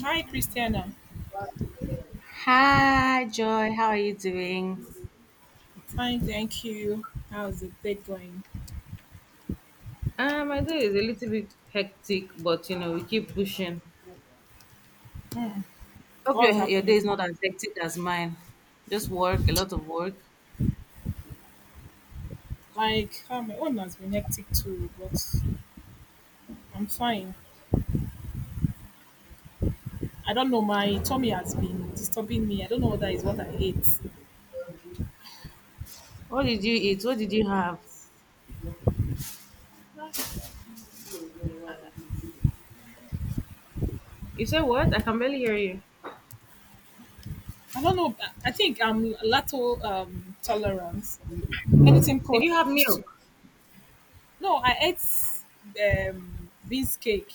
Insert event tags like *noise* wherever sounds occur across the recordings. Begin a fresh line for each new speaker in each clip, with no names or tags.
Hi, Christiana.
Hi, Joy. How are you doing?
Fine, thank you. How's the day going?
My day is a little bit hectic, but you know, we keep pushing.
Hmm,
Hope your,
what's
your day
happening?
is not as hectic as mine. Just work, a lot of work.
Like, my own has been hectic too, but I'm fine. I don't know, my tummy has been disturbing me. I don't know whether it's what I ate.
What did you eat? What did you have?
I
You said what? I can barely hear you.
don't know. I think I'm lacto tolerance. Anything
Did you
protein
have
used
milk?
to. No, I ate beans cake.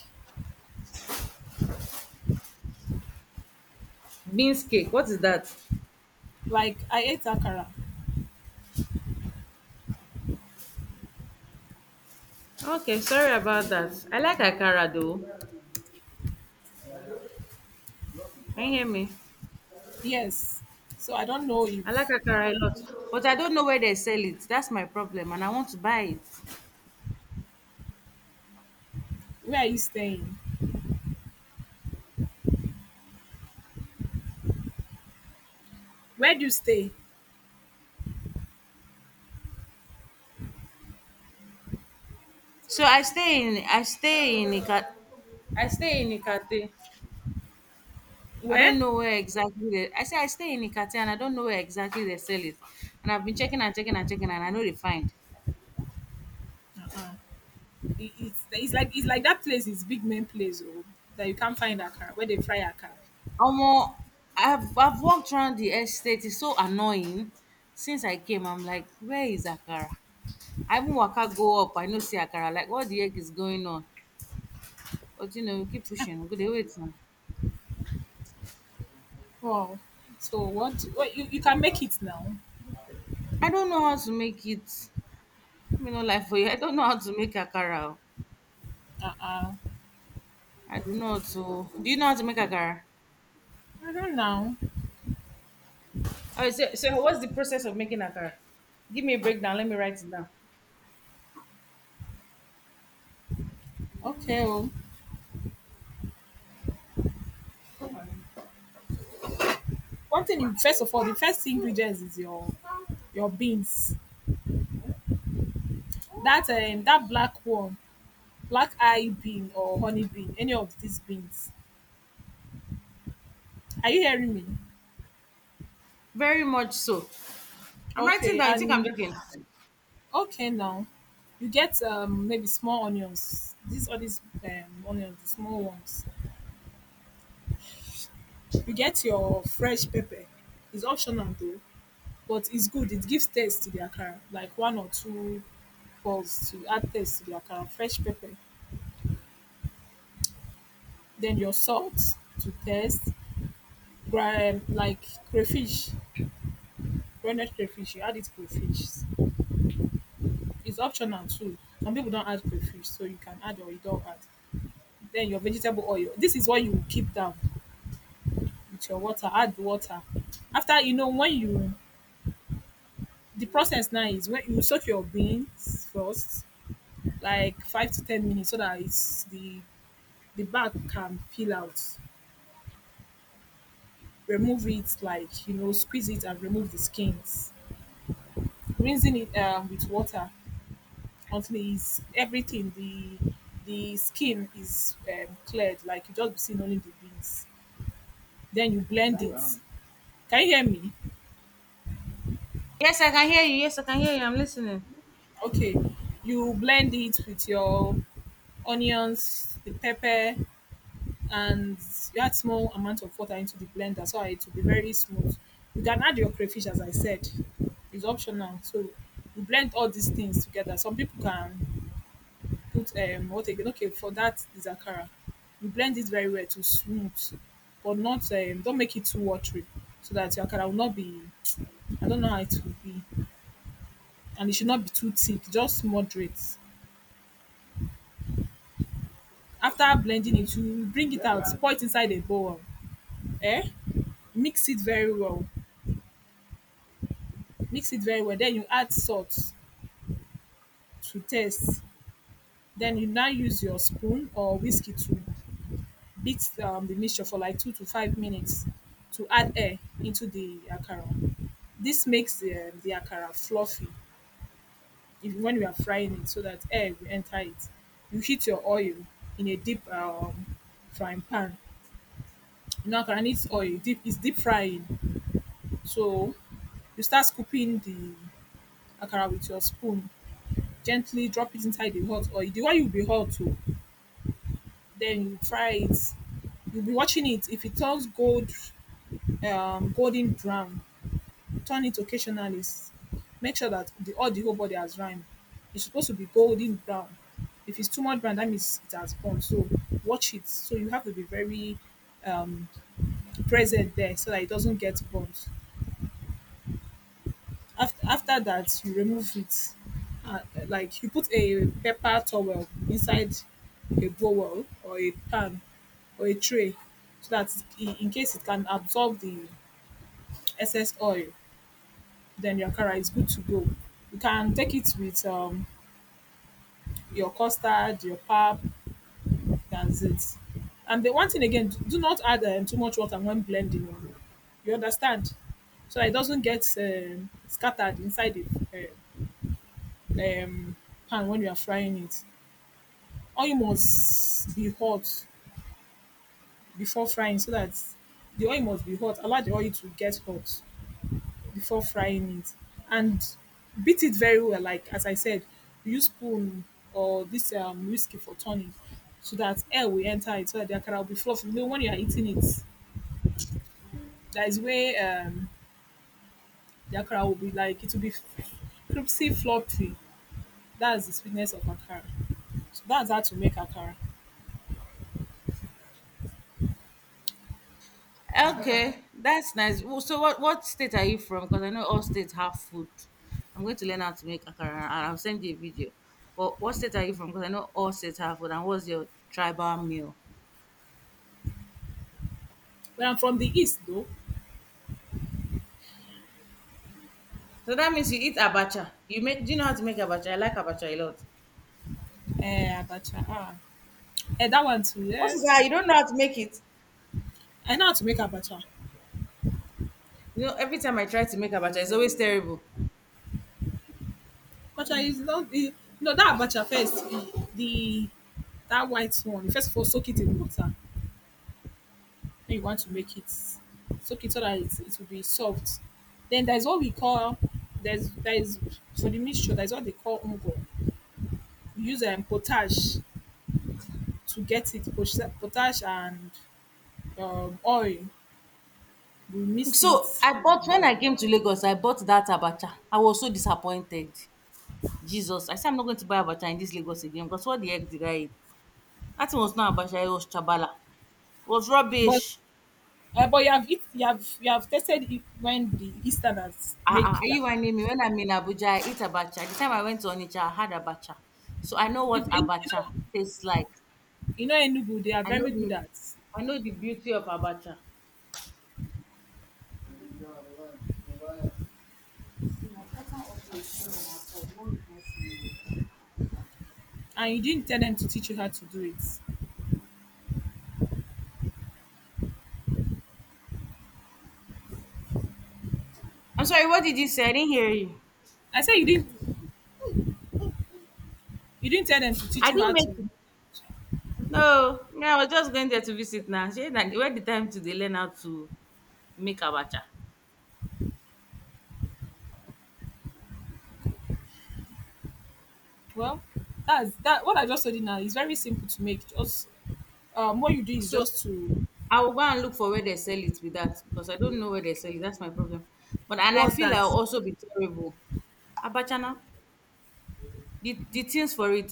Beans cake. What is that?
Like, I ate akara.
Okay, sorry about that. I like akara though. Can you hear me?
Yes. So I don't know
I like
if.
akara a lot. But I don't know where they sell it. That's my problem, and I want to buy it.
Where are you staying? Where do you stay?
So I stay in Ika, I stay in Ikate. I
Where?
don't know where exactly they, I say I stay in Ikate and I don't know where exactly they sell it. And I've been checking and checking and checking and I know they find.
Uh-uh. It's like that place is big main place oh, that you can't find akara where they fry akara.
Omo, I've walked around the estate. It's so annoying. Since I came, I'm like, where is Akara? I even waka go up. I know see Akara. Like, what the heck is going on? But you know, we keep pushing. We go dey wait now.
Wow. So what? What, you can make it now?
I don't know how to make it. Let me no lie for you. I don't know how to make Akara. O.
Uh uh
I do not. So, do you know how to make akara?
I don't know.
Oh, so what's the process of making akara? Give me a breakdown. Let me write it down.
Okay. Oh. One thing you first of all the first ingredients is your beans. That that black one, black eye bean or honey bean, any of these beans. Are you hearing me?
Very much so. I'm writing
Okay,
down. You think I'm
and
joking?
okay now. You get maybe small onions. These all these onions, the small ones. You get your fresh pepper. It's optional though, but it's good. It gives taste to the akara, like one or two balls to add taste to the akara. Fresh pepper, then your salt to taste. Like crayfish, rendered crayfish, you add it crayfish. It's optional too. Some people don't add crayfish, so you can add or you don't add. Then your vegetable oil. This is what you keep down with your water. Add the water. After you know when you the process now is when you soak your beans first like 5 to 10 minutes so that it's the back can peel out. Remove it, like you know, squeeze it and remove the skins. Rinsing it with water until it's everything the skin is cleared. Like you just be seeing only the beans. Then you blend Oh it. Wow. Can you hear me?
Yes, I can hear you. Yes, I can hear you. I'm listening.
Okay, you blend it with your onions, the pepper, and you add small amount of water into the blender so it will be very smooth. You can add your crayfish as I said. It's optional. So you blend all these things together. Some people can put what again? Okay, for that is akara. You blend it very well to smooth, but not don't make it too watery so that your akara will not be I don't know how it will be. And it should not be too thick, just moderate. After blending it, you bring it out, pour it inside a bowl. Eh? Mix it very well. Mix it very well. Then you add salt to taste. Then you now use your spoon or whiskey to beat the mixture for like 2 to 5 minutes to add air into the akara. This makes the akara fluffy if, when you are frying it so that air will enter it. You heat your oil in a deep frying pan. You know, akara needs oil, deep, it's deep frying. So you start scooping the akara with your spoon, gently drop it inside the hot oil. The oil will be hot too. Then you fry it. You'll be watching it. If it turns gold, golden brown, turn it occasionally. Make sure that the all the whole body has rhyme. It's supposed to be golden brown. If it's too much brown, that means it has gone. So watch it. So you have to be very um, present there so that it doesn't get burnt. After that, you remove it. Uh, like you put a pepper towel inside a bowl or a pan or a tray so that in case it can absorb the excess oil, then your akara is good to go. You can take it with your custard, your pap, that's it. And the one thing again, do not add too much water when blending. Oh. You understand? So that it doesn't get scattered inside the uh, um, pan when you are frying it. Oil must be hot before frying so that the oil must be hot. Allow the oil to get hot before frying it and beat it very well like as I said, use spoon or this whiskey for turning so that air will enter it so that the akara will be fluffy, you know, when you are eating it, that is where the akara will be like it will be crispy fluffy, that's the sweetness of akara, so that's how to make akara.
Okay, that's nice. So, what state are you from? Because I know all states have food. I'm going to learn how to make akara, and I'll send you a video. But what state are you from? Because I know all states have food. And what's your tribal meal?
But I'm from the east though.
So that means you eat abacha. You make. Do you know how to make abacha? I like abacha a lot.
Eh, abacha ah, eh, that one too
What
eh.
is that? You don't know how to make it?
I know how to make abacha.
You know, every time I try to make abacha, it's always terrible.
Abacha is not the no that abacha first the that white one. First of all, soak it in water. Then you want to make it soak it so that it will be soft. Then there's what we call there is for the mixture. There's what they call ungo. We use potash to get it potash and oil. We mix
So
it,
I bought when I came to Lagos, I bought that abacha. I was so disappointed. Jesus, I said I'm not going to buy abacha in this Lagos again because what the heck did I eat? That thing was not abacha, it was chabala. It was
but
rubbish.
but you have it, you have tested it when the Easterners
Ah,
make
are you
them.
whining me? When I'm in Abuja, I eat abacha. The time I went to Onitsha, I had abacha, so I know what
If you
abacha
know
tastes like.
you know Enugu, they are
I know
very good at.
I know the beauty of abacha.
And you didn't tell them to teach you how to do it.
I'm sorry, what did you say? I didn't hear you.
I said you didn't, you didn't tell them to
I
teach you
didn't
how
make.
to.
No, me, I was just going there to visit now. Shey na where the time to they learn how to make abacha.
Well, that's that what I just told you now is very simple to make. Just what you do is
So
just to
I will go and look for where they sell it with that because I don't know where they sell it. That's my problem. But and I
what's
feel
that?
I'll also be terrible. Abacha now. The things for it.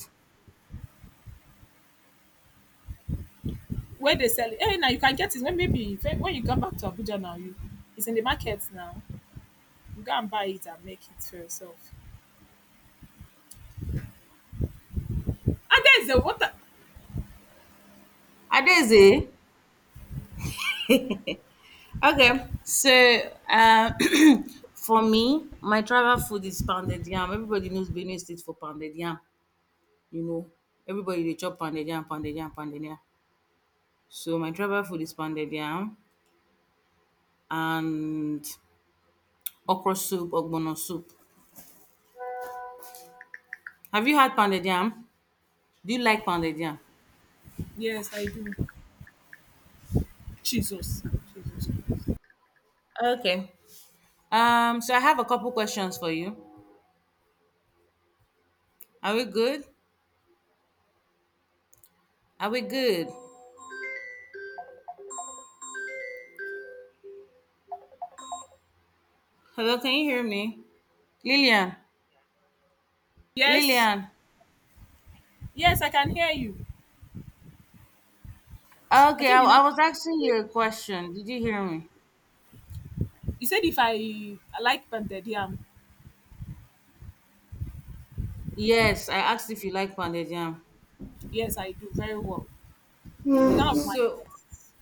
Where they sell it. Hey, now you can get it when maybe when you come back to Abuja now you it's in the market now. You go and buy it and make it for yourself. And there's the water.
Adeze. Okay. So uh, *clears throat* for me, my travel food is pounded yam. Everybody knows Benue State for pounded yam. You know. Everybody they chop pounded yam, pounded yam, pounded yam. So my travel food is pounded yam. And okra soup, ogbono soup. Have you had pounded yam? Do you like pounded yam?
Yes, I do. Jesus. Jesus.
Okay. So I have a couple questions for you. Are we good? Are we good? Hello, can you hear me? Lillian,
Yes,
Lillian.
yes, I can hear you. I
Okay,
think the
I
next
was asking you a question. Did you hear me?
you said if I like pounded yam.
Yes, I asked if you like pounded yam.
Yes, I do very well. It's one of my
So,
best.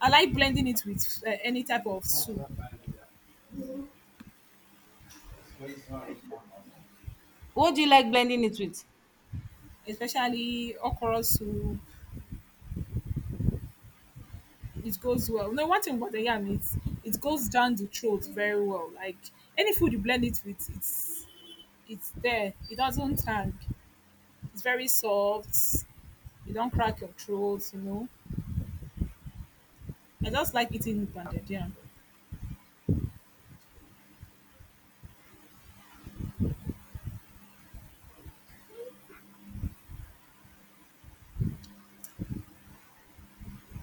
I like blending it with any type of soup,
what do you like blending it with?
especially okra soup. It goes well. No, one thing about the yam, it goes down the throat very well. Like any food you blend it with, it's there. It doesn't tang. It's very soft. You don't crack your throat. You know. I just like eating blended yam.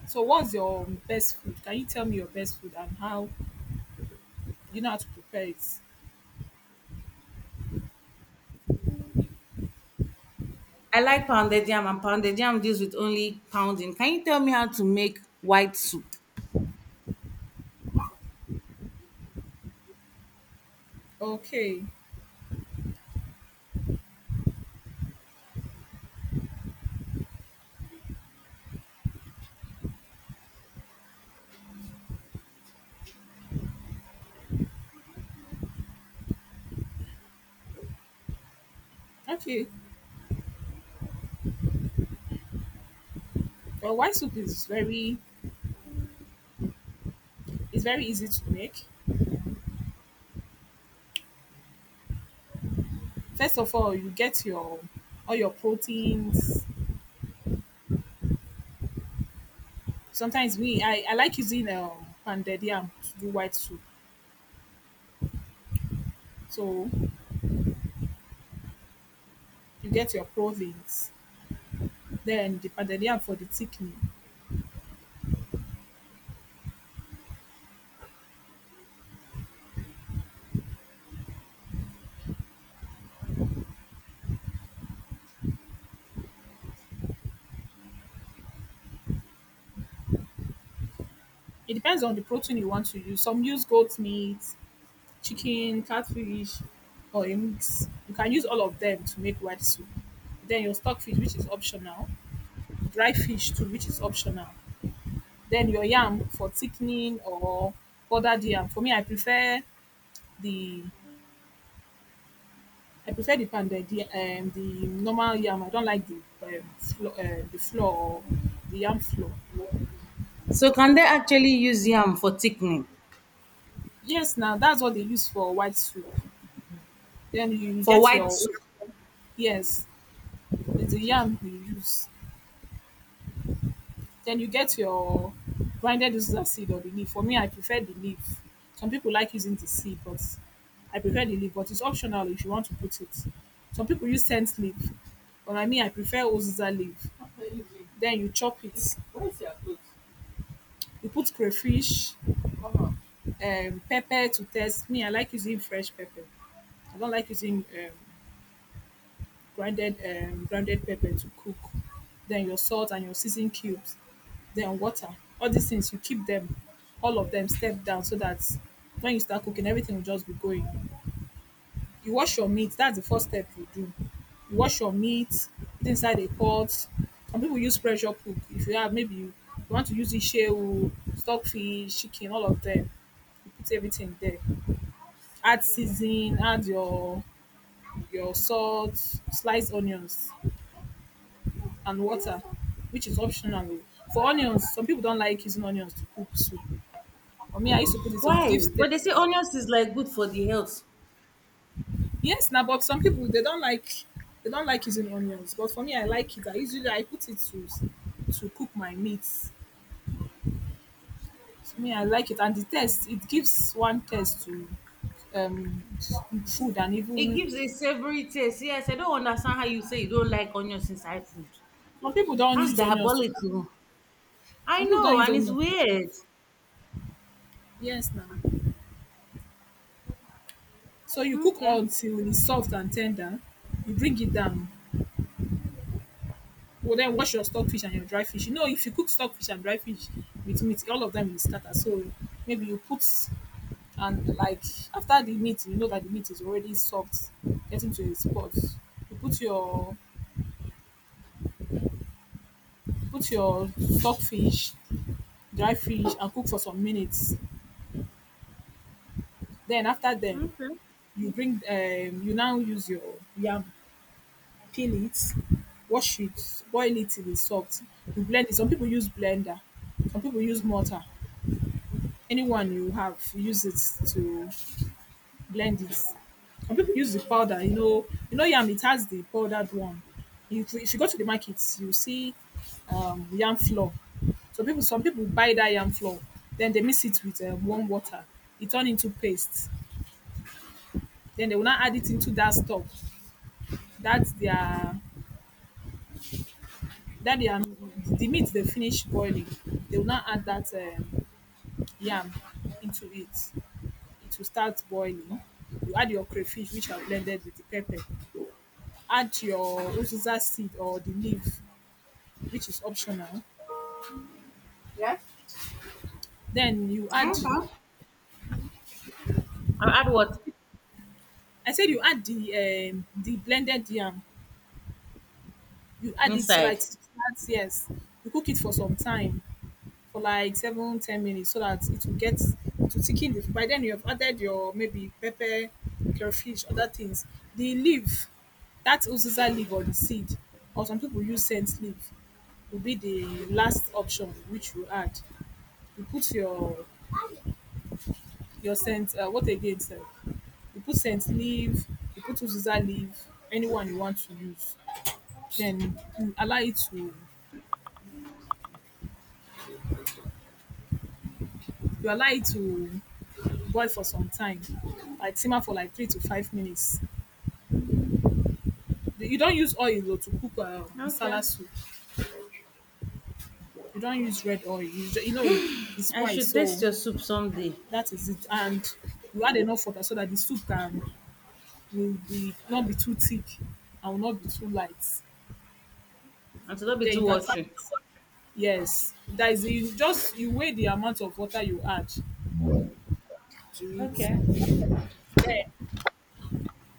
So, what's your best food? Can you tell me your best food and how you know how to prepare it?
I like pounded yam, and pounded yam deals with only pounding. Can you tell me how to make white soup?
Okay, okay. Well, white soup is very easy to make. First of all, you get your all your proteins. Sometimes me, I like using pounded yam to do white soup. So you get your proteins, then the pounded yam for the thickening. It depends on the protein you want to use. Some use goat meat, chicken, catfish, or a mix. You can use all of them to make white soup. Then your stock fish, which is optional, dry fish too, which is optional. Then your yam for thickening or powdered yam. For me, the I prefer the the normal yam. I don't like the the flour or the yam flour.
So can they actually use yam for thickening
Yes, now that's what they use for white soup. Then you
for
get
white
your
soup?
yes, it's the yam you use. Then you get your grinded uziza seed or the leaf. For me, I prefer the leaf. Some people like using the seed, but I prefer the leaf. But it's optional if you want to put it. Some people use scent leaf, but I mean, I prefer uziza leaf. Then you chop it. Where's your clothes? You put crayfish, pepper to taste. Me, I like using fresh pepper. I don't like using grinded grounded pepper to cook, then your salt and your seasoning cubes, then water. All these things you keep them, all of them step down so that when you start cooking, everything will just be going. You wash your meat. That's the first step you do. You wash your meat put inside a pot. Some people use pressure cook. If you have maybe you want to use ishewu, stockfish, chicken, all of them. You put everything there. Add seasoning. Add your salt, sliced onions and water, which is optional. For onions, some people don't like using onions to cook soup. For me, I used to put it. It
Why?
gives
But they
taste.
say onions is like good for the health.
Yes, now, but some people they don't like using onions. But for me, I like it. I usually I put it to cook my meats. For me, I like it, and the taste it gives one taste to um food and
It
even
gives a savory taste. Yes, I don't understand how you say you don't like onions inside food.
some people don't
That's
use onions to cook.
diabolical. I
Some people
know,
don't use
and it's
onions.
weird.
Yes, now. So you cook
Okay.
until it's soft and tender. You bring it down. Well, then wash your stockfish and your dry fish. You know, if you cook stockfish and dry fish with meat, all of them will scatter. So maybe you put and like after the meat, you know that the meat is already soft, getting to a spot. You put your stockfish, dry fish, and cook for some minutes. Then after then,
Okay.
you bring you now use your yam, peel it, wash it, boil it till it's soft. You blend it. Some people use blender, some people use mortar. Anyone you have, use it to blend it. Some people use the powder, you know. You know yam, it has the powdered one. If you go to the market, you see yam flour, so people some people buy that yam flour, then they mix it with warm water. It turn into paste, then they will now add it into that stock. That's their that their the meat they finish boiling, they will now add that yam into it. It will start boiling. You add your crayfish, which are blended with the pepper. Add your uziza seed or the leaf, which is optional. Yeah. Then you add,
Okay. I'll add what?
I said you add the blended yam. You add it so that it
Inside.
starts, yes. You cook it for some time, for like 7, 10 minutes, so that it will get, to thicken. The, by then you have added your maybe pepper, crayfish, other things. The leaf, that uziza leaf or the seed, or some people use scent leaf. Will be the last option which you add. You put your scent. What again? Sir? You put scent leaf. You put uziza leaf. Anyone you want to use. Then you allow it to boil for some time. Like simmer for like 3 to 5 minutes. You don't use oil though, to cook
Okay.
masala soup. You don't use red oil. You know it's
I
white,
should taste
so
your soup someday.
that is it. And you add enough water so that the soup can will be not be too thick and will not be too light.
And it'll not be
Then
too
you can serve
watery.
it, yes. That is, you just, you weigh the amount of water you add to it.
Okay.
Then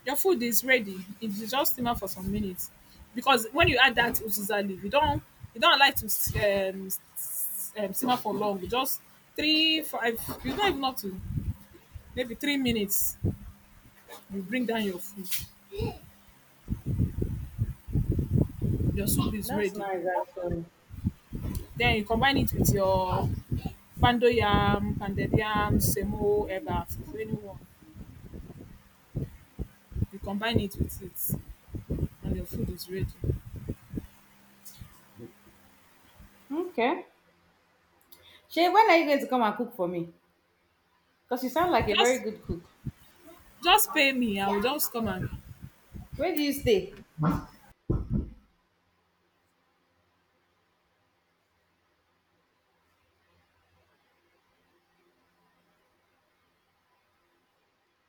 your food is ready. It is just simmer for some minutes. Because when you add that uziza leaf, you don't like to um, s- simmer for long. Just 3, 5, you don't even have to, maybe 3 minutes. You bring down your food. Your soup is
That's
ready.
nice actually.
Then you combine it with your pounded yam, semo, eba, if anyone. You combine it with it. And your food is ready.
Okay. Shay, when are you going to come and cook for me? Because you sound like a very
Just
good cook.
just pay me. I will just come and
Where do you stay?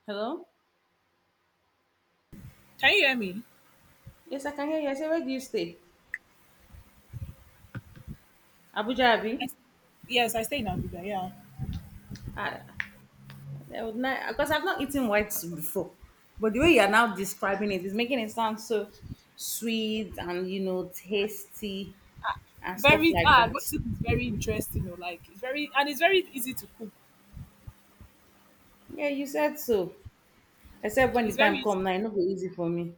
Hello?
can you hear me?
Yes, I can hear you. I say, where do you stay? Abuja Abi?
Yes, yes, I stay in Abuja, yeah.
I, I would not, because I've not eaten white soup before. But the way you are now describing it is making it sound so sweet and you know tasty and stuff
Very
like
ah, what
that.
soup is very interesting, or like it's very, and it's very easy to cook.
Yeah, you said so. Except when the
It's very
time
easy
come
to
now, it no go easy for me.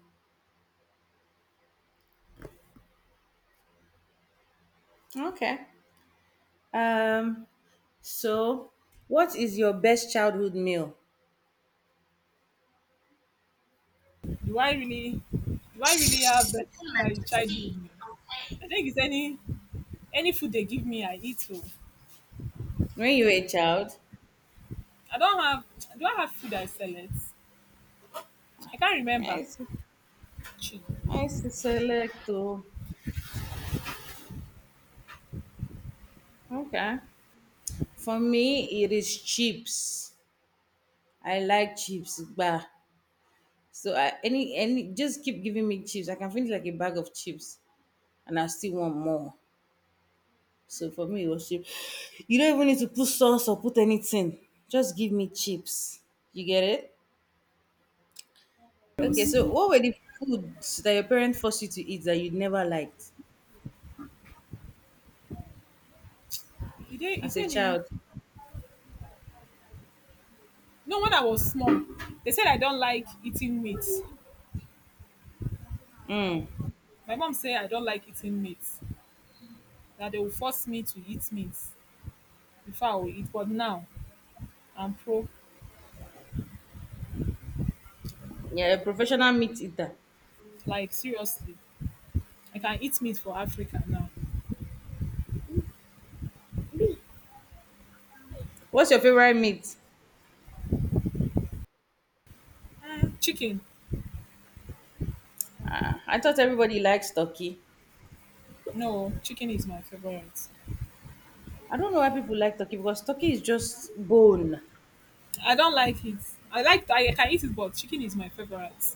Okay. Um, so what is your best childhood meal?
cook. Do I really have that childhood meal? I think it's any food they give me, I eat oh.
When you were a child,
I don't have Do I have food I select? I can't remember.
yes.
Actually.
I select to okay. For me, it is chips. I like chips, bah. So any just keep giving me chips. I can finish like a bag of chips, and I still want more. So for me, it was chips. You don't even need to put sauce or put anything. Just give me chips. You get it? Okay. So what were the foods that your parents forced you to eat that you never liked
Did they Is
as a
there any,
child?
no, when I was small, they said I don't like eating meat.
Mm.
My mom say I don't like eating meat, that they will force me to eat meat before I will eat. But now I'm pro,
Yeah, a professional meat eater.
like seriously, I can eat meat for Africa now.
What's your favorite meat?
Chicken.
Ah, I thought everybody likes turkey.
No, chicken is my favorite.
I don't know why people like turkey because turkey is just bone.
I don't like it. I can eat it, but chicken is my favorite.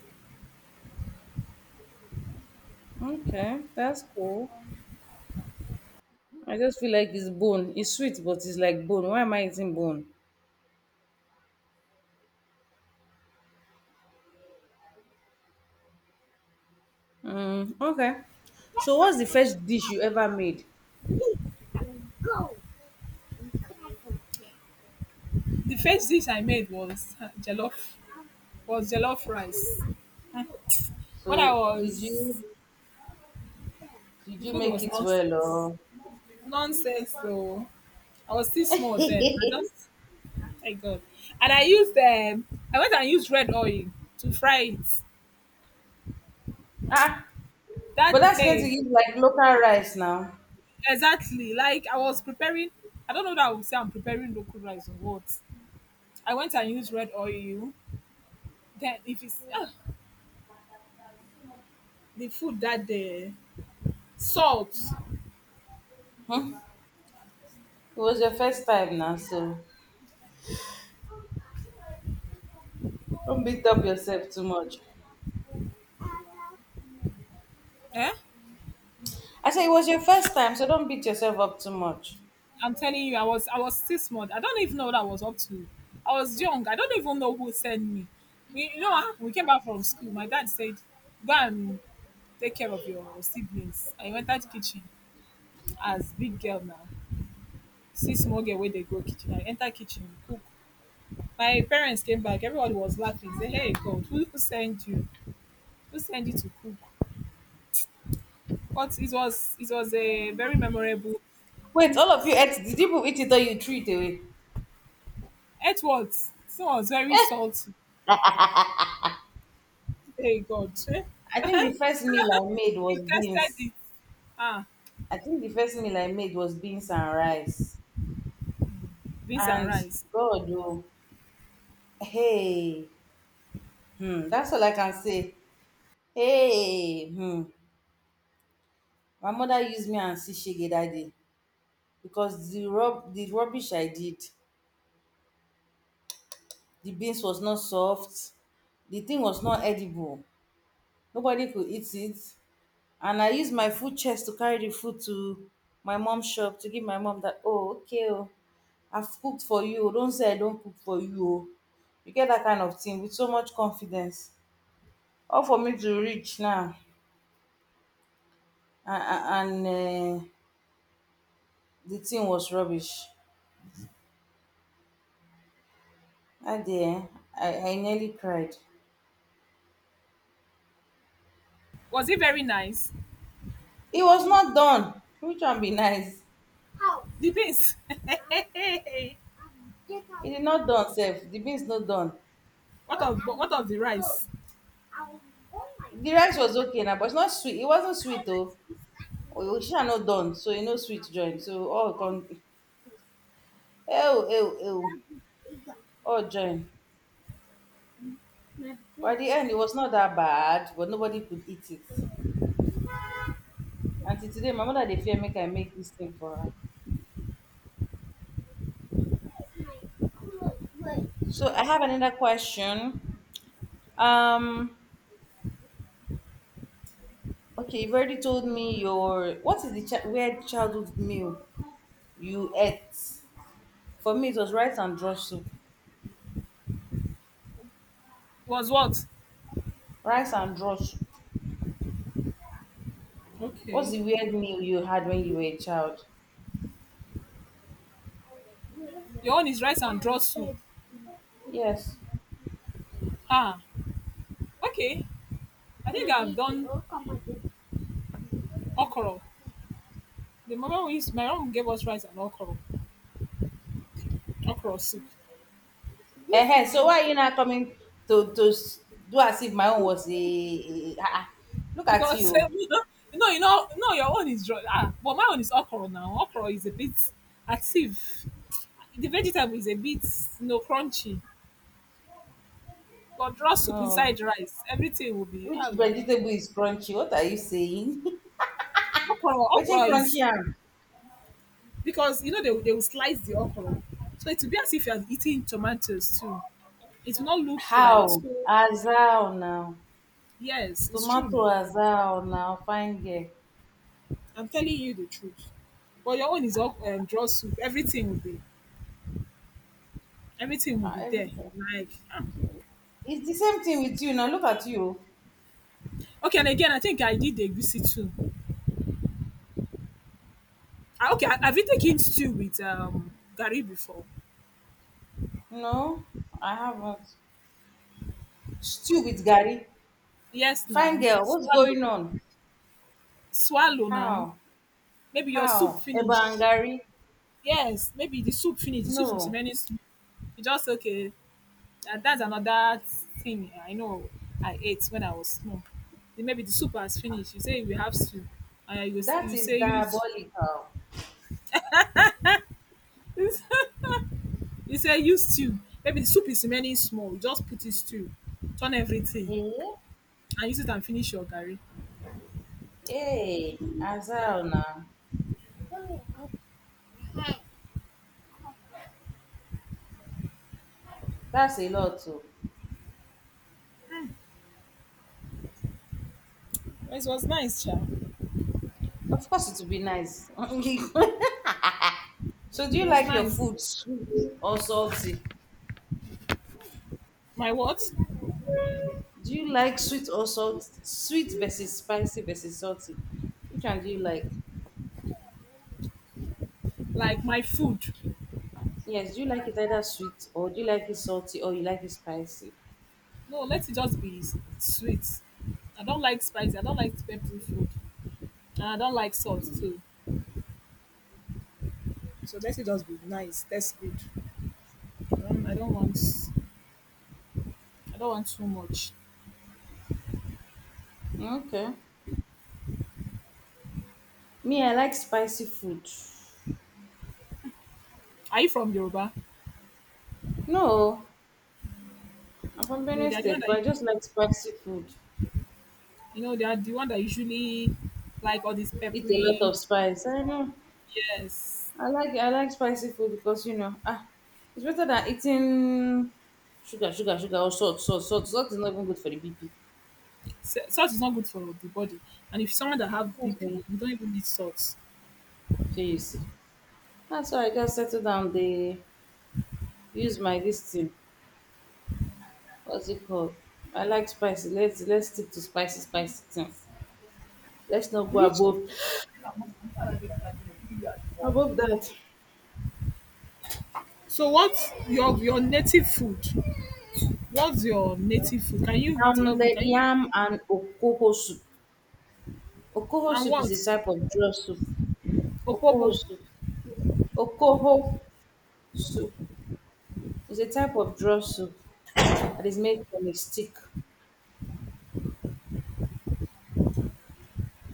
Okay, that's cool. I just feel like it's bone. It's sweet, but it's like bone. Why am I eating bone? Mm, okay. So, what's the first dish you ever made?
The first dish I made was *laughs* jollof was jollof rice. Mm. when I
So did you
was
did
The
you
food
make
was
it well
nonsense.
or
Nonsense though. I was still small then. I
*laughs*
just Thank God. And I used I went and used red oil to fry it.
Ah, but
That
that's going to
day,
give like local rice now.
exactly. I was preparing, I don't know that I would say I'm preparing local rice or what. I went and used red oil. Then if it's the food that day, salt.
Hmm? It was your first time now, so don't beat up yourself too much.
Eh?
I said it was your first time, so don't beat yourself up too much.
I'm telling you, I was 6 months. I don't even know what I was up to. I was young. I don't even know who sent me. You know what happened? We came back from school. My dad said, "Go and take care of your siblings." I went, entered kitchen as big girl now. See small girl where they go kitchen. I enter kitchen, cook. My parents came back. Everybody was laughing. Say, "Hey God, who sent you? Who sent you to cook?" But it was a very memorable.
Wait, all of you ate? Did people eat it or you threw it away?
It was. So I was very
Eh,
salty. Hey God. Eh?
I think the
*laughs*
first meal I made
We
was
tested
beans.
it. Ah,
I think the first meal I made was beans and rice.
beans and
And
rice.
God, oh, hey, hmm, that's all I can say. Hey, hmm, my mother used me and shege that day because the rubbish I did, the beans was not soft, the thing was not edible. Nobody could eat it. And I use my full chest to carry the food to my mom shop to give my mom that oh okay oh I've cooked for you oh don't say I don't cook for you oh you get that kind of thing with so much confidence all for me to reach now and the thing was rubbish that day eh, I nearly cried.
Was it very nice?
It was not done which one be nice.
The beans. *laughs*
It did not done sef the beans no done.
What of the rice?
The rice was okay na but it's not sweet it wasn't sweet o. Onisha no done, so e no sweet join. So all come ew, ew, ew, all join. By the end, it was not that bad, but nobody could eat it. Until today, my mother dey fear make I make this thing for her. So I have another question. Um, okay, you've already told me your what is the weird childhood meal you ate? For me, it was rice and draw soup.
Was what?
Rice and draw soup. What's
Okay.
the weird meal you had when you were a child?
Your own is rice and draw soup.
Yes.
Ah, okay. I think I've done Okro. The moment we used, my mom gave us rice and okro, okro soup. This
Ehen,
my,
so why are you now coming to do as if my own was a, ah, ah. Look at
because
you.
*laughs* you know, no, your own is dry. Ah, but my own is okra now. Okra is a bit active. The vegetable is a bit, you know, crunchy. But draw soup
Oh,
inside rice, everything will be ah,
which
la, la.
vegetable is crunchy? What are you saying? *laughs* Which
Okra
crunchy
is,
am?
because you know they will slice the okra, so it will be as if you are eating tomatoes too. It will not look like
How?
so.
Azal now.
Yes, it's true
Tomato
now.
azal now. Fine girl.
I'm telling you the truth. But your own is all draw soup. Everything will
Ah,
be there.
everything.
Like, ah.
It's the same thing with you now. Look at you.
Okay, and again, I think I did the egusi too. Ah, okay, I, have you taken stew with gari before?
No, I haven't. Stew with Gary.
Yes,
Fine
now,
girl. What's going on?
swallow now.
How?
Maybe your soup
How? Eba and
finished.
Gary?
Yes, maybe the soup finished. The soup was
No.
remaining. Soup. You just, okay. And that's another thing I know I ate when I was small. Then, maybe the soup has finished. You say we have stew, and
That
you
is
say use
diabolical.
*laughs* he said use stew, maybe the soup is remaining small, you just put in stew, turn everything
Eh?
and use it and finish your curry.
Hey, as hell now.
It
That's a lot too.
was nice, child. It
Of course it will be nice. *laughs* So do you
was
like your
nice.
food sweet or salty?
My what?
Do you like sweet or salty? Sweet versus spicy versus salty. Which one do you like?
Like my food,
Yes, do you like it either sweet or do you like it salty or you like it spicy?
no, let it just be sweet. I don't like spicy. I don't like peppery food. And I don't like salt too. So let it just be nice. That's good. I don't want, I don't want too much.
Okay. Me, I like spicy food.
Are you from Yoruba?
No, I'm from
you know
Benin
they are the one
State,
that
but I just like spicy food.
You know, they are the one that usually like all this
Eat a lot
peppery.
of spice. I know.
Yes.
I like spicy food because you know ah, it's better than eating sugar, sugar, sugar or salt, salt, salt. Salt is not even good for the BP.
Salt is not good for the body. And if someone that have
Okay.
BP, you don't even need salt.
So you see, that's why I just settle down. They use my this thing. What's it called? I like spicy. Let's stick to spicy, spicy things. Let's not go
Which,
above above that.
so what's your native food? What's your native food? Can you tell me?
The
Can you,
yam and okoho soup. Okoho
and
soup is a
what?
type of draw soup. Okoho
Opobo.
soup. Okoho soup is a type of draw soup. That is made from a stick.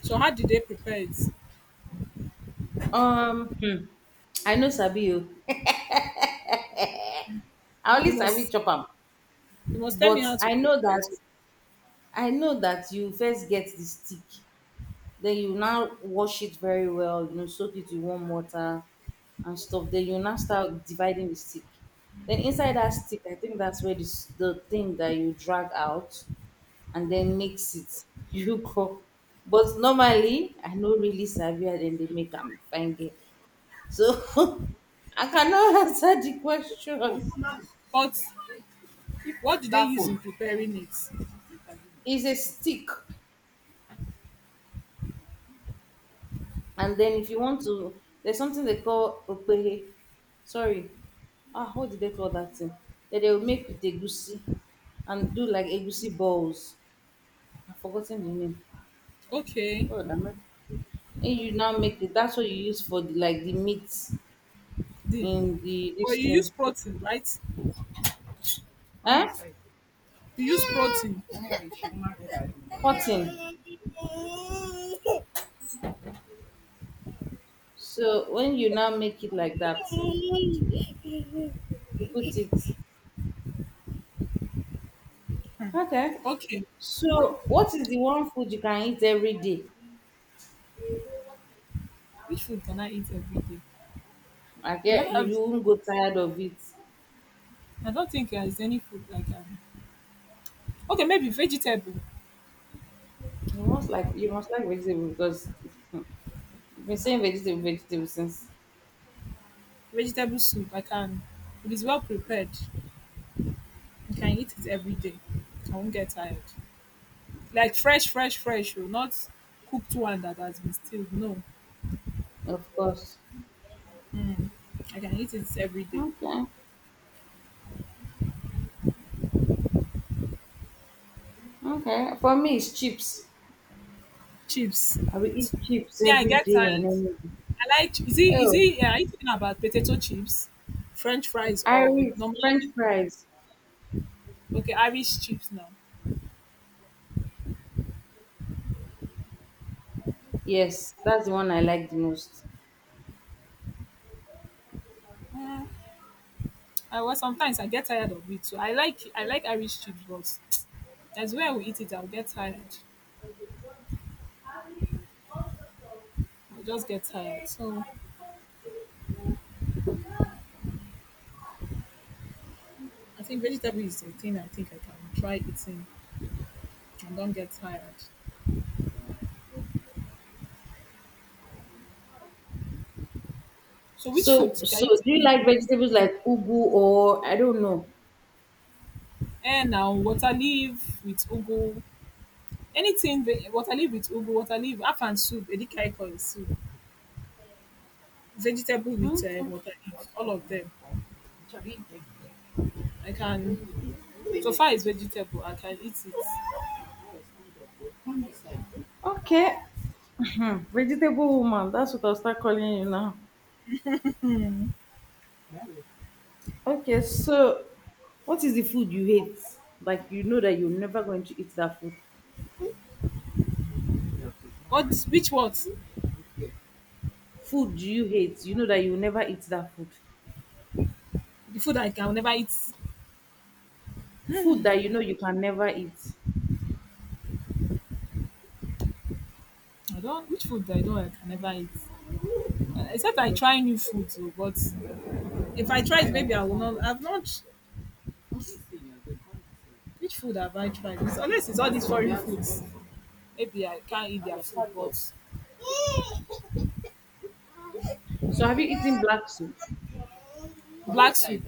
So how did they prepare it?
Um, hmm, I know Sabi you. I
You, you
only Sabi
must
chop am,
you must tell me
but
how to
I know
prepare it.
that you first get the stick, then you now wash it very well. You know, soak it with warm water and stuff. Then you now start dividing the stick. Then inside that stick, I think that's where this the thing that you drag out and then mix it. *laughs* You go. But normally, I know really Sabi and then they make them fine. So *laughs* I cannot *laughs* answer the question.
But if, what did they, That use food in preparing it?
It's a stick. And then if you want to, there's something they call opehe. Sorry. Ah, what did they call that thing? That they will make with egusi and do like egusi balls. I've forgotten the name.
Okay.
Oh, damn it. And you now make it. That's what you use for like the meat
The
in the
Well,
this
you use
thing.
protein, right? Come
Eh?
inside. He used protein.
Cotton. So when you now make it like that, you put it. Okay.
Okay.
So, what is the one food you can eat every day?
Which food can I eat every day?
I
Do I
get you, you
have?
won't go tired of it.
I don't think there's any food I can. Okay, maybe vegetable.
You must like vegetable because *laughs* you've been saying vegetable, vegetable since.
Vegetable soup. I can. It is well prepared. I can eat it every day. I won't get tired. Like fresh. Oh, not cooked one that has been stewed. No,
Of course.
I can eat it every day.
Okay. Okay. For me, it's chips.
Chips.
I will eat chips
Yeah, I
every
get
day
tired.
and every day.
I like, is
Oh,
it, yeah, are you talking about potato chips, French fries or
Irish
normal,
French fries.
okay, Irish chips now.
Yes, that's the one I like the most.
Mm, I well sometimes I get tired of it too. I like Irish chips, but as where I will eat it, I'll get tired. I'll just get tired. So I think vegetable is the thing I think I can try eating and don't get tired. So which food
So,
can
so
you tell
do you
me?
like vegetables like ugu or I don't know?
Eh now, water leaf with ugu. Anything water leaf with ugu, water leaf, afang soup, edikaikong soup. Vegetable with
Okay.
water leaf, all of them. I can. So far, it's vegetable. I can eat it.
Okay. Vegetable woman, that's what I'll start calling you now. Okay, so what is the food you hate? Like you know that you're never going to eat that food.
What? Which what?
Food you hate, you know that you'll never eat that food.
The food I can never eat.
Food that you know you can never eat.
I don't. Which food I don't, I can never eat. Except I try new food. So, but if I try it, maybe I will not. I've not. Which food have I tried? It's, unless it's all these foreign foods, maybe I can't eat their food. But
So have you eaten black soup?
Black Sweet.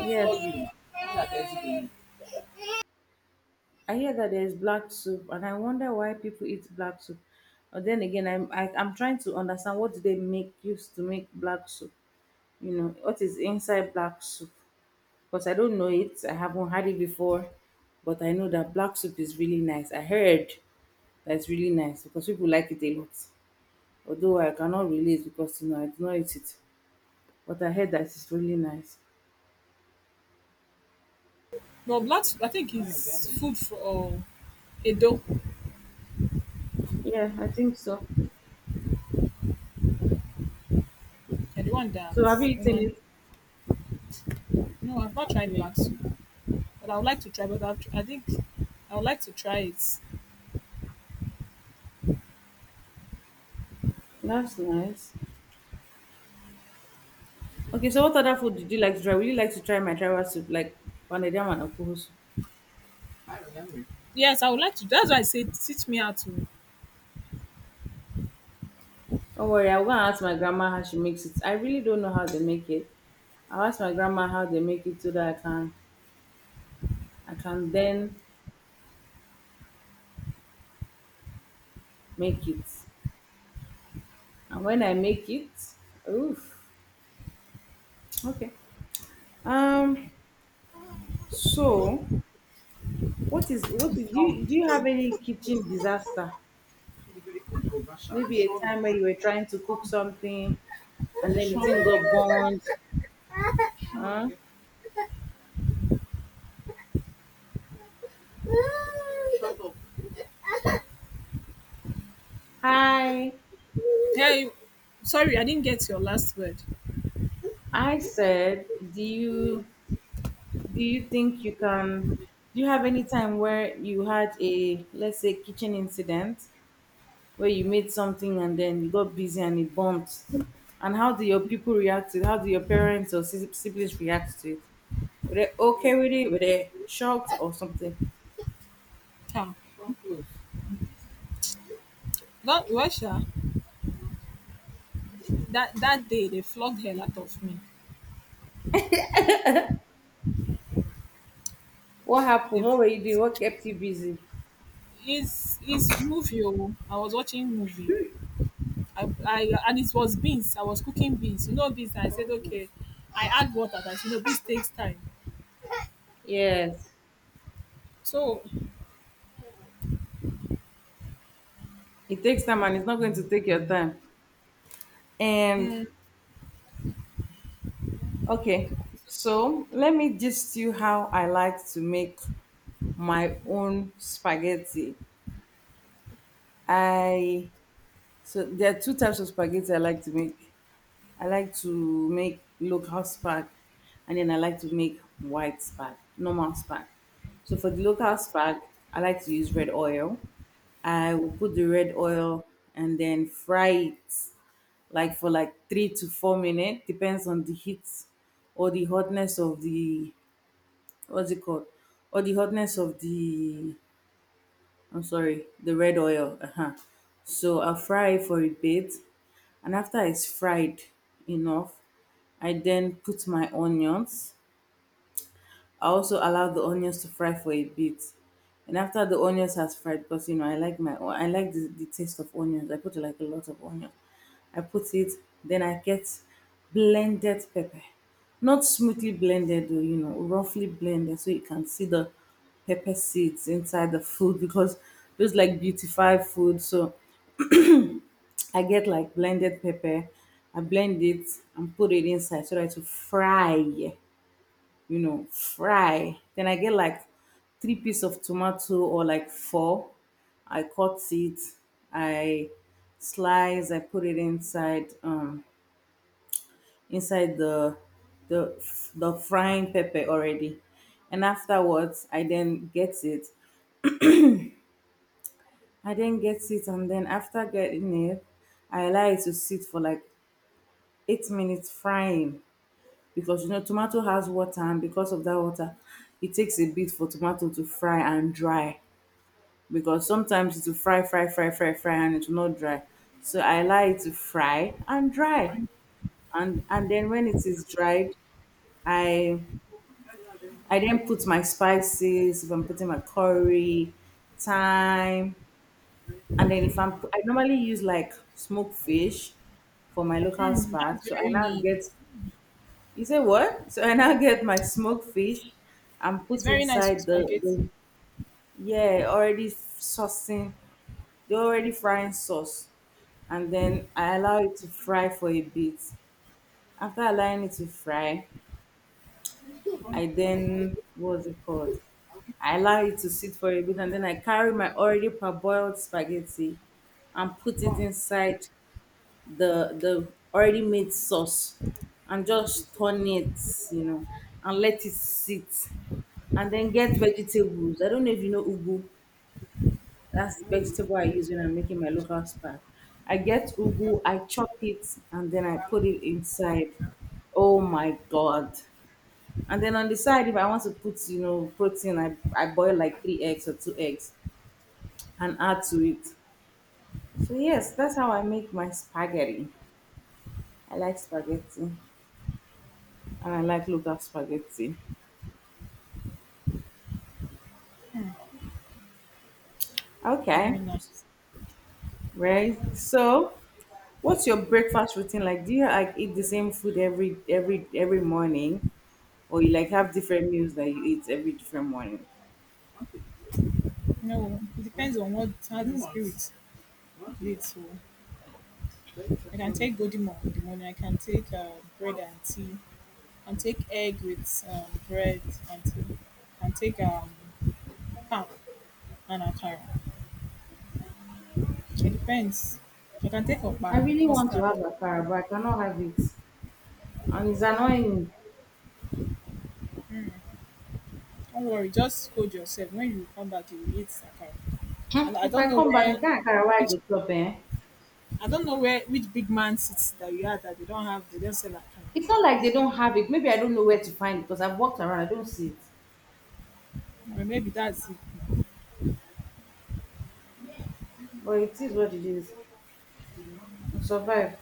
Yes, I hear that there's black soup, and I wonder why people eat black soup. But then again, I'm trying to understand what do they make use to make black soup. You know what is inside black soup? Because I don't know it. I haven't had it before, but I know that black soup is really nice. I heard that's really nice because people like it a lot. Although I cannot relate because you know I do not eat it, but I heard that it's really nice.
No, black Sweet, I think is food for Edo.
Yeah, I think so.
And the one that
So have you eaten
woman.
it?
No, I've not tried black Sweet, but I would like to try. I think I would like to try it.
That's nice. Okay, so what other food did you like to try? Would you like to try my tribal soup, like panedam and okuhu soup?
Yes, I would like to. That's why I say teach me how to.
Don't worry, I'm gonna ask my grandma how she makes it. I really don't know how they make it. I'll ask my grandma how they make it so that I can then make it. And when I make it, oof. Okay. Um, so what is, do you have any kitchen disaster, maybe a time where you were trying to cook something and then it didn't go burned, huh?
Shut up.
Hi,
Hey, sorry, I didn't get your last word.
I said, do you do you think you can, do you have any time where you had, a let's say, kitchen incident where you made something and then you got busy and it bumped? And how do your people react to it? How do your parents or siblings react to it? Were they okay with it? Were they shocked or something?
Ciao. Come close. That Russia, that day they flogged hell out of me.
What happened?
They,
What were you doing? What kept you busy?
his movie. Oh, I was watching movie. I, and it was beans. I was cooking beans. You know beans. I said okay. I add water. That, you know, beans takes time.
Yes,
So
it takes time and it's not going to take your time. And
mm,
okay, so let me just you how I like to make my own spaghetti. I, so there are two types of spaghetti I like to make. I like to make local spag, and then I like to make white spag, normal spag. So for the local spag, I like to use red oil. I will put the red oil and then fry it like for like 3 to 4 minutes, depends on the heat or the hotness of the, what's it called? Or the hotness of the, I'm sorry, the red oil. Uh-huh. So I'll fry it for a bit. And after it's fried enough, I then put my onions. I also allow the onions to fry for a bit. And after the onions has fried, because you know I like my, I like the taste of onions. I put like a lot of onion. I put it, then I get blended pepper. Not smoothly blended, though, you know, roughly blended so you can see the pepper seeds inside the food *laughs* because those like beautify food. So I get like blended pepper. I blend it and put it inside so that to fry, you know, fry. Then I get like three piece of tomato or like four. I cut it, I slice, I put it inside inside the the frying pepper already. And afterwards I then get it. I then get it and then after getting it, I allow it to sit for like 8 minutes frying because you know tomato has water and because of that water it takes a bit for tomato to fry and dry because sometimes it will fry, fry, fry, fry, fry, and it will not dry. So I allow it to fry and dry, and then when it is dried, I I then put my spices. If I'm putting my curry, thyme, and then if I normally use like smoked fish for my local spark.
that's
So I
very
now get,
nice.
you say what? So I now get my smoked fish and
It's
put
very nice for
inside the
spaghetti.
saucing the already frying sauce. And then I allow it to fry for a bit. After allowing it to fry, I then, what's it called? I allow it to sit for a bit and then I carry my already parboiled spaghetti and put it inside the already made sauce and just turn it, you know, and let it sit and then get vegetables. I don't know if you know ugu. That's the vegetable I use when I'm making my local spa. I get ugu, I chop it, and then I put it inside. Oh my god! And then on the side, if I want to put, you know, protein, I boil like 3 eggs or 2 eggs and add to it. So yes, that's how I make my spaghetti. I like spaghetti, and I like local spaghetti. Okay,
Very nice.
right. So, what's your breakfast routine like? Do you like eat the same food every morning, or you like have different meals that you eat every different morning.
No, it depends on what how the spirit leads. So I can take Godimo in the morning. I can take bread and tea. I can take egg with bread and tea. I can take ham and akara. It depends. I can take
I
okpa and
really want to
custard.
have akara, but I cannot have it. And it's annoying.
Don't worry, just hold yourself. When you come back, you will eat akara.
Hmm,
And
if I come back, that akara where I
which
go chop, eh?
I don't know where which big man sits that you are that they don't have. They don't sell akara.
It's not like they don't have it. Maybe I don't know where to find it because I've walked around. I don't see it.
But maybe that's it.
But it is what it is. I'll survive.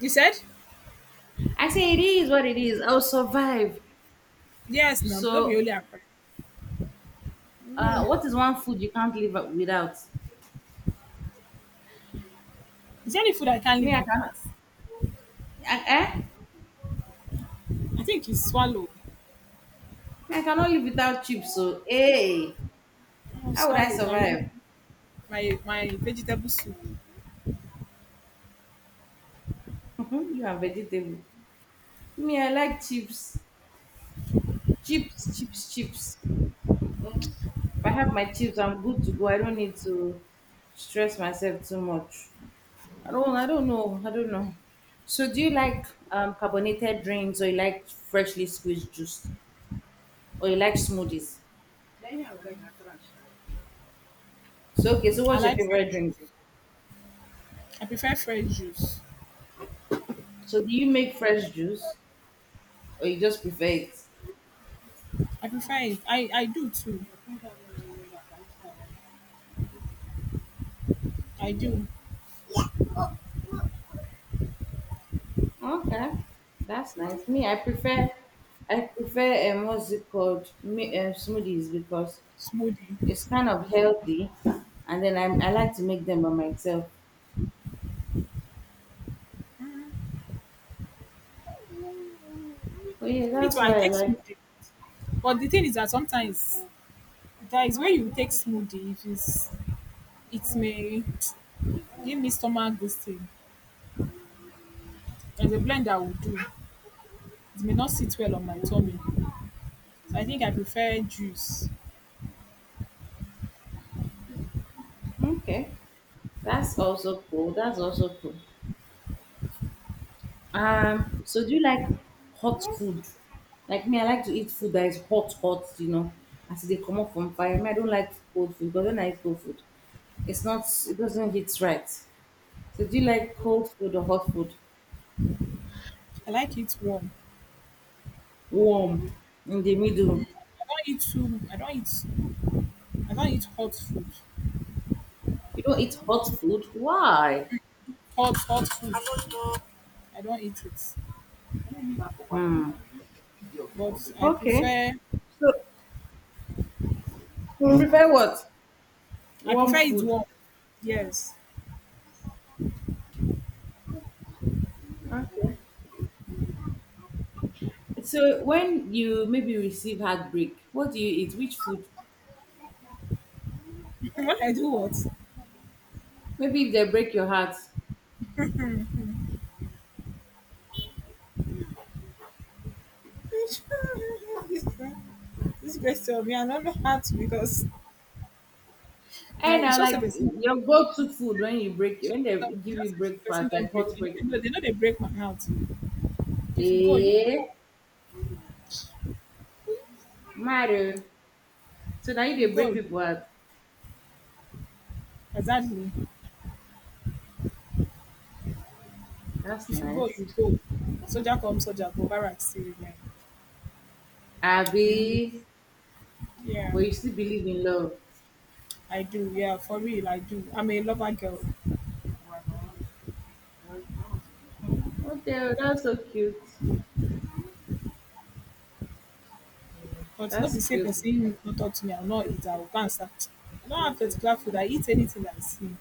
You said?
I say it is what it is. I'll survive.
Yes, no, don't be
So,
only Accra. Really?
what is one food you can't live without?
Is there any food I can't
Me,
live
I cannot.
without?
Eh?
I think it's swallow.
I cannot live without chips. So, hey,
Oh,
how would I
swallow, Gary.
survive?
My vegetable soup.
*laughs* You are vegetable. Me, I like chips. Chips, chips, chips. If I have my chips, I'm good to go. I don't need to stress myself too much. I don't know. I don't know. So do you like carbonated drinks or you like freshly squeezed juice? Or you like smoothies?
Then I would like akara.
So okay, so
I
what's your
like fresh
favorite drink?
juice. I prefer fresh juice.
So do you make fresh juice or you just prefer it?
I prefer it. I do too. I do.
Okay. That's nice. Me, I prefer what's it called? Me smoothies because
Smoothie.
it's kind of healthy, and I like to make them by myself. Oh yeah,
Me
that's
too, I
why I
take
like.
smoothie. But the thing is that sometimes there is where you take smoothie, it may give me stomach this thing. There's a blend I will do. It may not sit well on my tummy. So I think I prefer juice.
Okay, that's also cool. That's also cool. So do you like hot food? Like me, I like to eat food that is hot, hot. You know, as they come up from fire. Me, I don't like cold food because when I eat cold food, it's not. it doesn't hit right. So do you like cold food or hot food?
I like it warm.
Warm in the middle.
I don't eat too. I don't eat. I don't eat hot food.
You don't eat hot food. Why?
Hot hot food. I don't eat it.
Hmm.
But I
Okay.
prefer.
So you prefer what?
I
Warm
prefer it
food.
warm. Yes.
Okay. So when you maybe receive heartbreak, what do you eat? Which food?
*laughs* When I do what? *laughs*
Maybe if they break your heart.
this this question me, I don't know how to because yeah,
And
it's
I
just a
like
person.
your go-to food when you break, when they give you
Just a person
breakfast, like
don't break.
hot
They know they, know they
breakfast.
know they break my heart. If you go, you go.
Eh, matter. So now you
You
dey break
go.
people heart.
Exactly.
That's
If you go,
nice.
you go. Soldier come, soldier go. Barrack still remain. We
Abi,
move.
but
Yeah,
you still believe in love.
I do. Yeah, for real, I do. I'm a lover girl.
Okay, oh, that's so cute.
But no be
That's
say
cute.
person no talk to me, I'll not eat. I will go and start. I don't have particular food. I eat anything I see.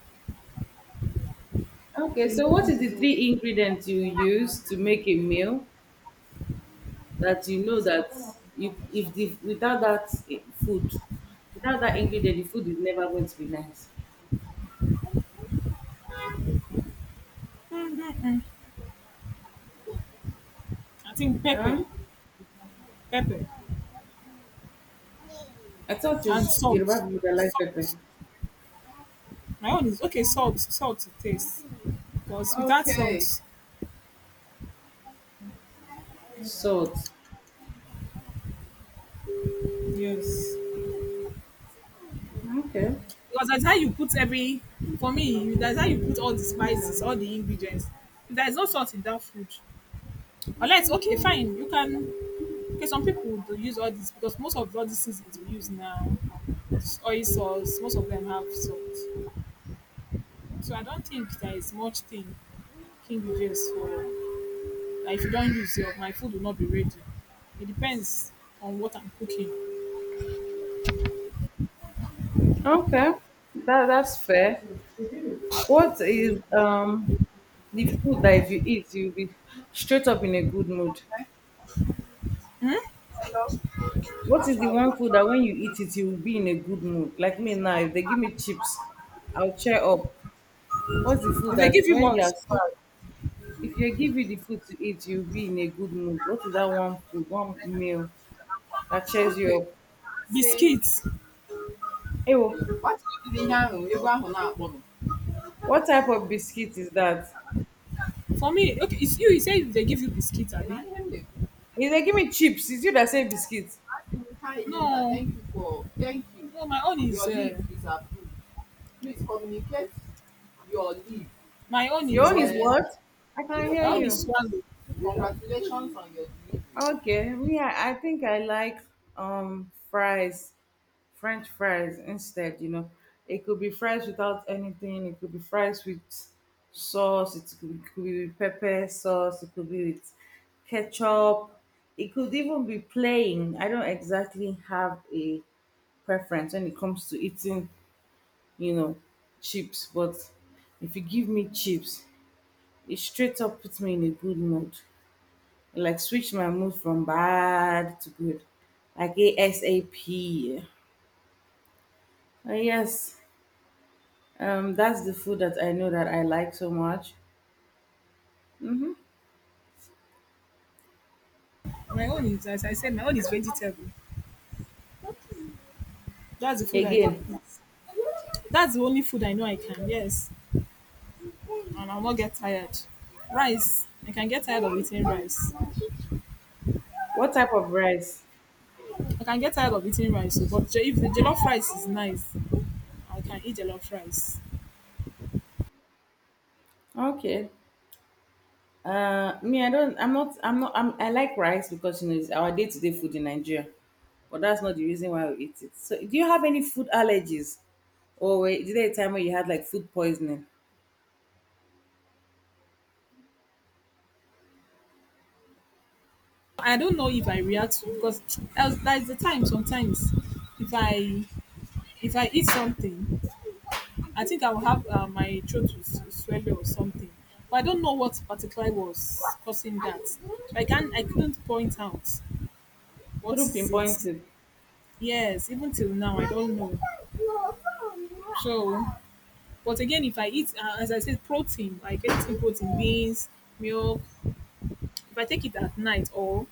Okay, so what is the three ingredients you use to make a meal? That you know that if the without that eh, food, without that ingredient, the food is never going to be nice.
I think pepper,
Huh?
pepper,
I thought
and
it's
salt.
Yoruba people that like pepper,
Salt. My own is okay. Salt, salt to taste. Because without, okay, salt,
salt.
yes.
Okay,
Because that's how you put every for me, that's how you put all the spices, all the ingredients. If there is no salt in that food, unless okay, fine, you can okay, some people do use all this because most of all these seasons we use now, it's oil sauce, most of them have salt. So I don't think there is much thing king ingredients for like if you don't use your my food will not be ready. It depends on what I'm cooking.
okay, that that's fair. What is the food that if you eat you'll be straight up in a good mood?
Okay. Hmm? Hello.
What is the one food
Oh,
that when you eat it you'll be in a good mood? Like me now, if they give me chips, I'll cheer up. What's the food
if they
that
give you
when you are
what?
sad? If you give you the food to eat, you'll be in a good mood. What is that one food, one meal that cheers you
Okay.
up?
Biscuits.
Hey, oh,
Nwata ahụ tiri ihe ahụ, egwu ahụ na-akpọ m.
what type of biscuit is that? Is
For me, okay, it's you. You said they give you biscuits, I mean.
if they give me chips, is you that say biscuit.
No. Thank you. No, my own is your leave is approved. Please communicate your leave, my own
Your
is
own is
uh,
what? I can hear
my own is
you.
swallow. Congratulations on your delivery.
Okay, me, I think I like fries. French fries instead, you know. It could be fries without anything, it could be fries with sauce, it could be with pepper sauce, it could be with ketchup, it could even be plain. I don't exactly have a preference when it comes to eating, you know, chips, but if you give me chips, it straight up puts me in a good mood. It like switch my mood from bad to good. Like ASAP. Yes. That's the food that I know that I like so much. Hmm.
My own is as I said, my own is vegetable. That's the food I can
Again,
eat. That's the only food I know I can. Yes, and I'll not get tired. Rice, I can get tired of eating rice.
what type of rice?
I can get tired of eating rice, oh, but if the jollof rice is nice, I can eat jollof rice.
Okay. Me, I don't. I'm not. I'm not. I'm, I like rice because you know it's our day-to-day food in Nigeria, but that's not the reason why we eat it. So, do you have any food allergies, or wait, is there a time when you had like food poisoning?
I don't know if I react to because else there's the time sometimes if I if I eat something, I think I will have my throat will swell or something. But I don't know what particularly was causing that. So I couldn't point out what
Couldn't
is
pinpoint
it.
it.
Yes, even till now I don't know. So, but again, if I eat, as I said, protein, like anything protein, beans, milk, if I take it at night or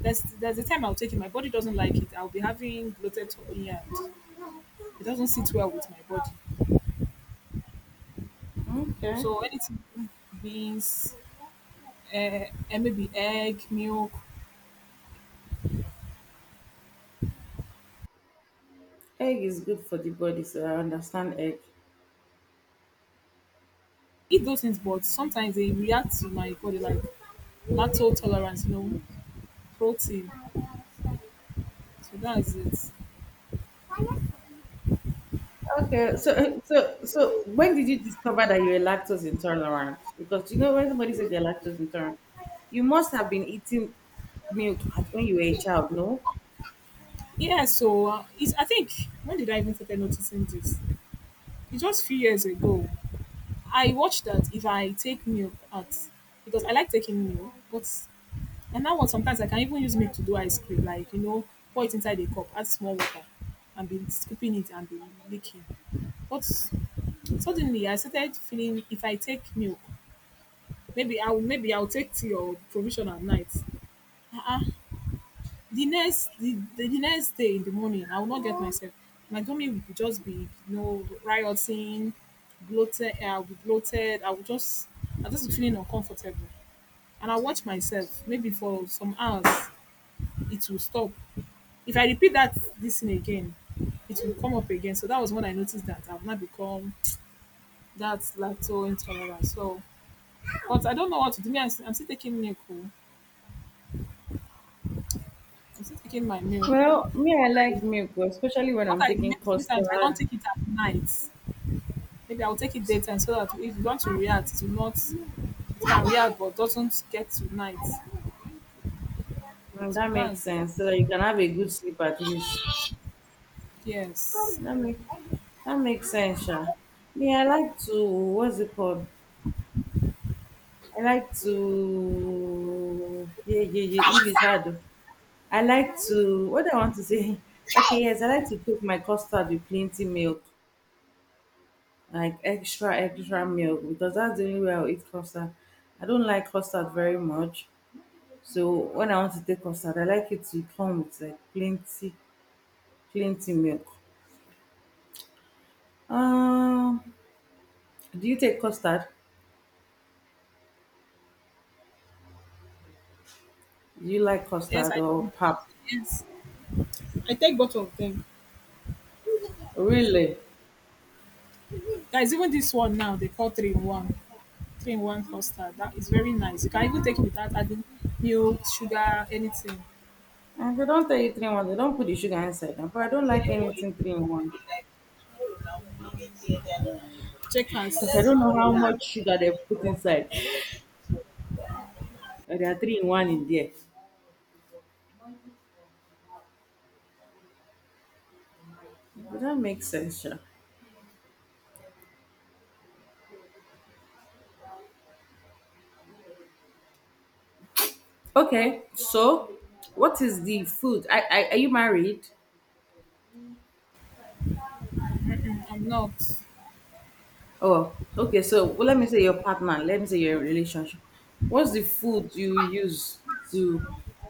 there's a time I'll take it, my body doesn't like it. I'll be having bloated tummy and it doesn't sit well with my body.
Okay.
So anything beans, uh, and maybe egg, milk,
Egg is good for the body, so I understand egg.
eat those things, but sometimes they react to my body like lactose tolerance, protein. So that's
Okay, so when did you discover that you were lactose intolerant? Because you know when somebody says they're lactose intolerant, you must have been eating milk at when you were a
it.
child, no?
Yeah, so I think when did I even start noticing this? It's just a few years ago. I watched that if I take milk out because I like taking milk, but and now what sometimes I can even use milk to do ice cream, like pour it inside a cup, add small water, and be scooping it and be licking. But suddenly I started feeling if I take milk, maybe I'll take tea or provision at night. Uh-uh, the next day in the morning I will not get myself. My tummy will just be rioting, bloated. Eh, I'll be bloated. I'll just be feeling uncomfortable, and I'll watch myself maybe for some hours. It will stop. If I repeat that this thing again, it will come up again. So that was when I noticed that I've now become that lacto intolerant. So but I don't know what to do. Me, I'm still taking milk, oh. I'm still taking my milk.
Well, me, I like
I,
milk, but especially when
what
I'm
I do
taking
maybe sometimes I don't
custard.
take it at night. Maybe I'll take it daytime so that if you want to react, to not, can react but doesn't get to night.
Mm,
So
that makes
that's
sense. So that you can have a good sleep at least.
yes.
That make that makes sense, Sha. Me, I like to what's it called? I like to yeah yeah yeah English hard. I like to what I want to say, *laughs* okay, yes, I like to cook my custard with plenty milk, like extra, extra milk, because that's the only way I'll eat custard. I don't like custard very much. So when I want to take custard, I like it to come with like plenty, plenty milk. Um, do you take custard? Do you like
Yes,
custard
I
or pap?
yes. I take both of them.
Really?
Guys, even this one now they call three in one. Three in one custard. That is very nice. You can even take it without adding milk, sugar, anything.
And they don't tell you three in one. They don't put the sugar inside. But I don't like anything three in one
Checkers.
because I don't know how much sugar they put inside. Or there are three in one in there. Would that make sense? Sure. Okay, so what is the food? I are you married?
Mm-mm, I'm not.
Oh, okay. So well, let me say your partner. Let me say your relationship. What's the food you use to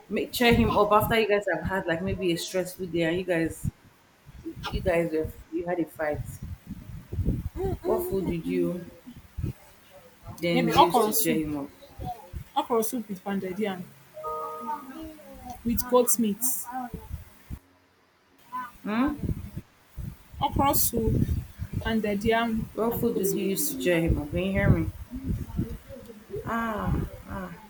make cheer him up after you guys have had like maybe a stressful day and you guys were, you had a fight? What food did you then
Maybe
use
okra
to cheer
soup.
him up?
Okra soup with pounded yam, with goat meat.
Hmm?
Okra soup, pounded yam,
What
and
food
goat
did you use
meat.
to cheer him up? Can you hear me? Ah, ah.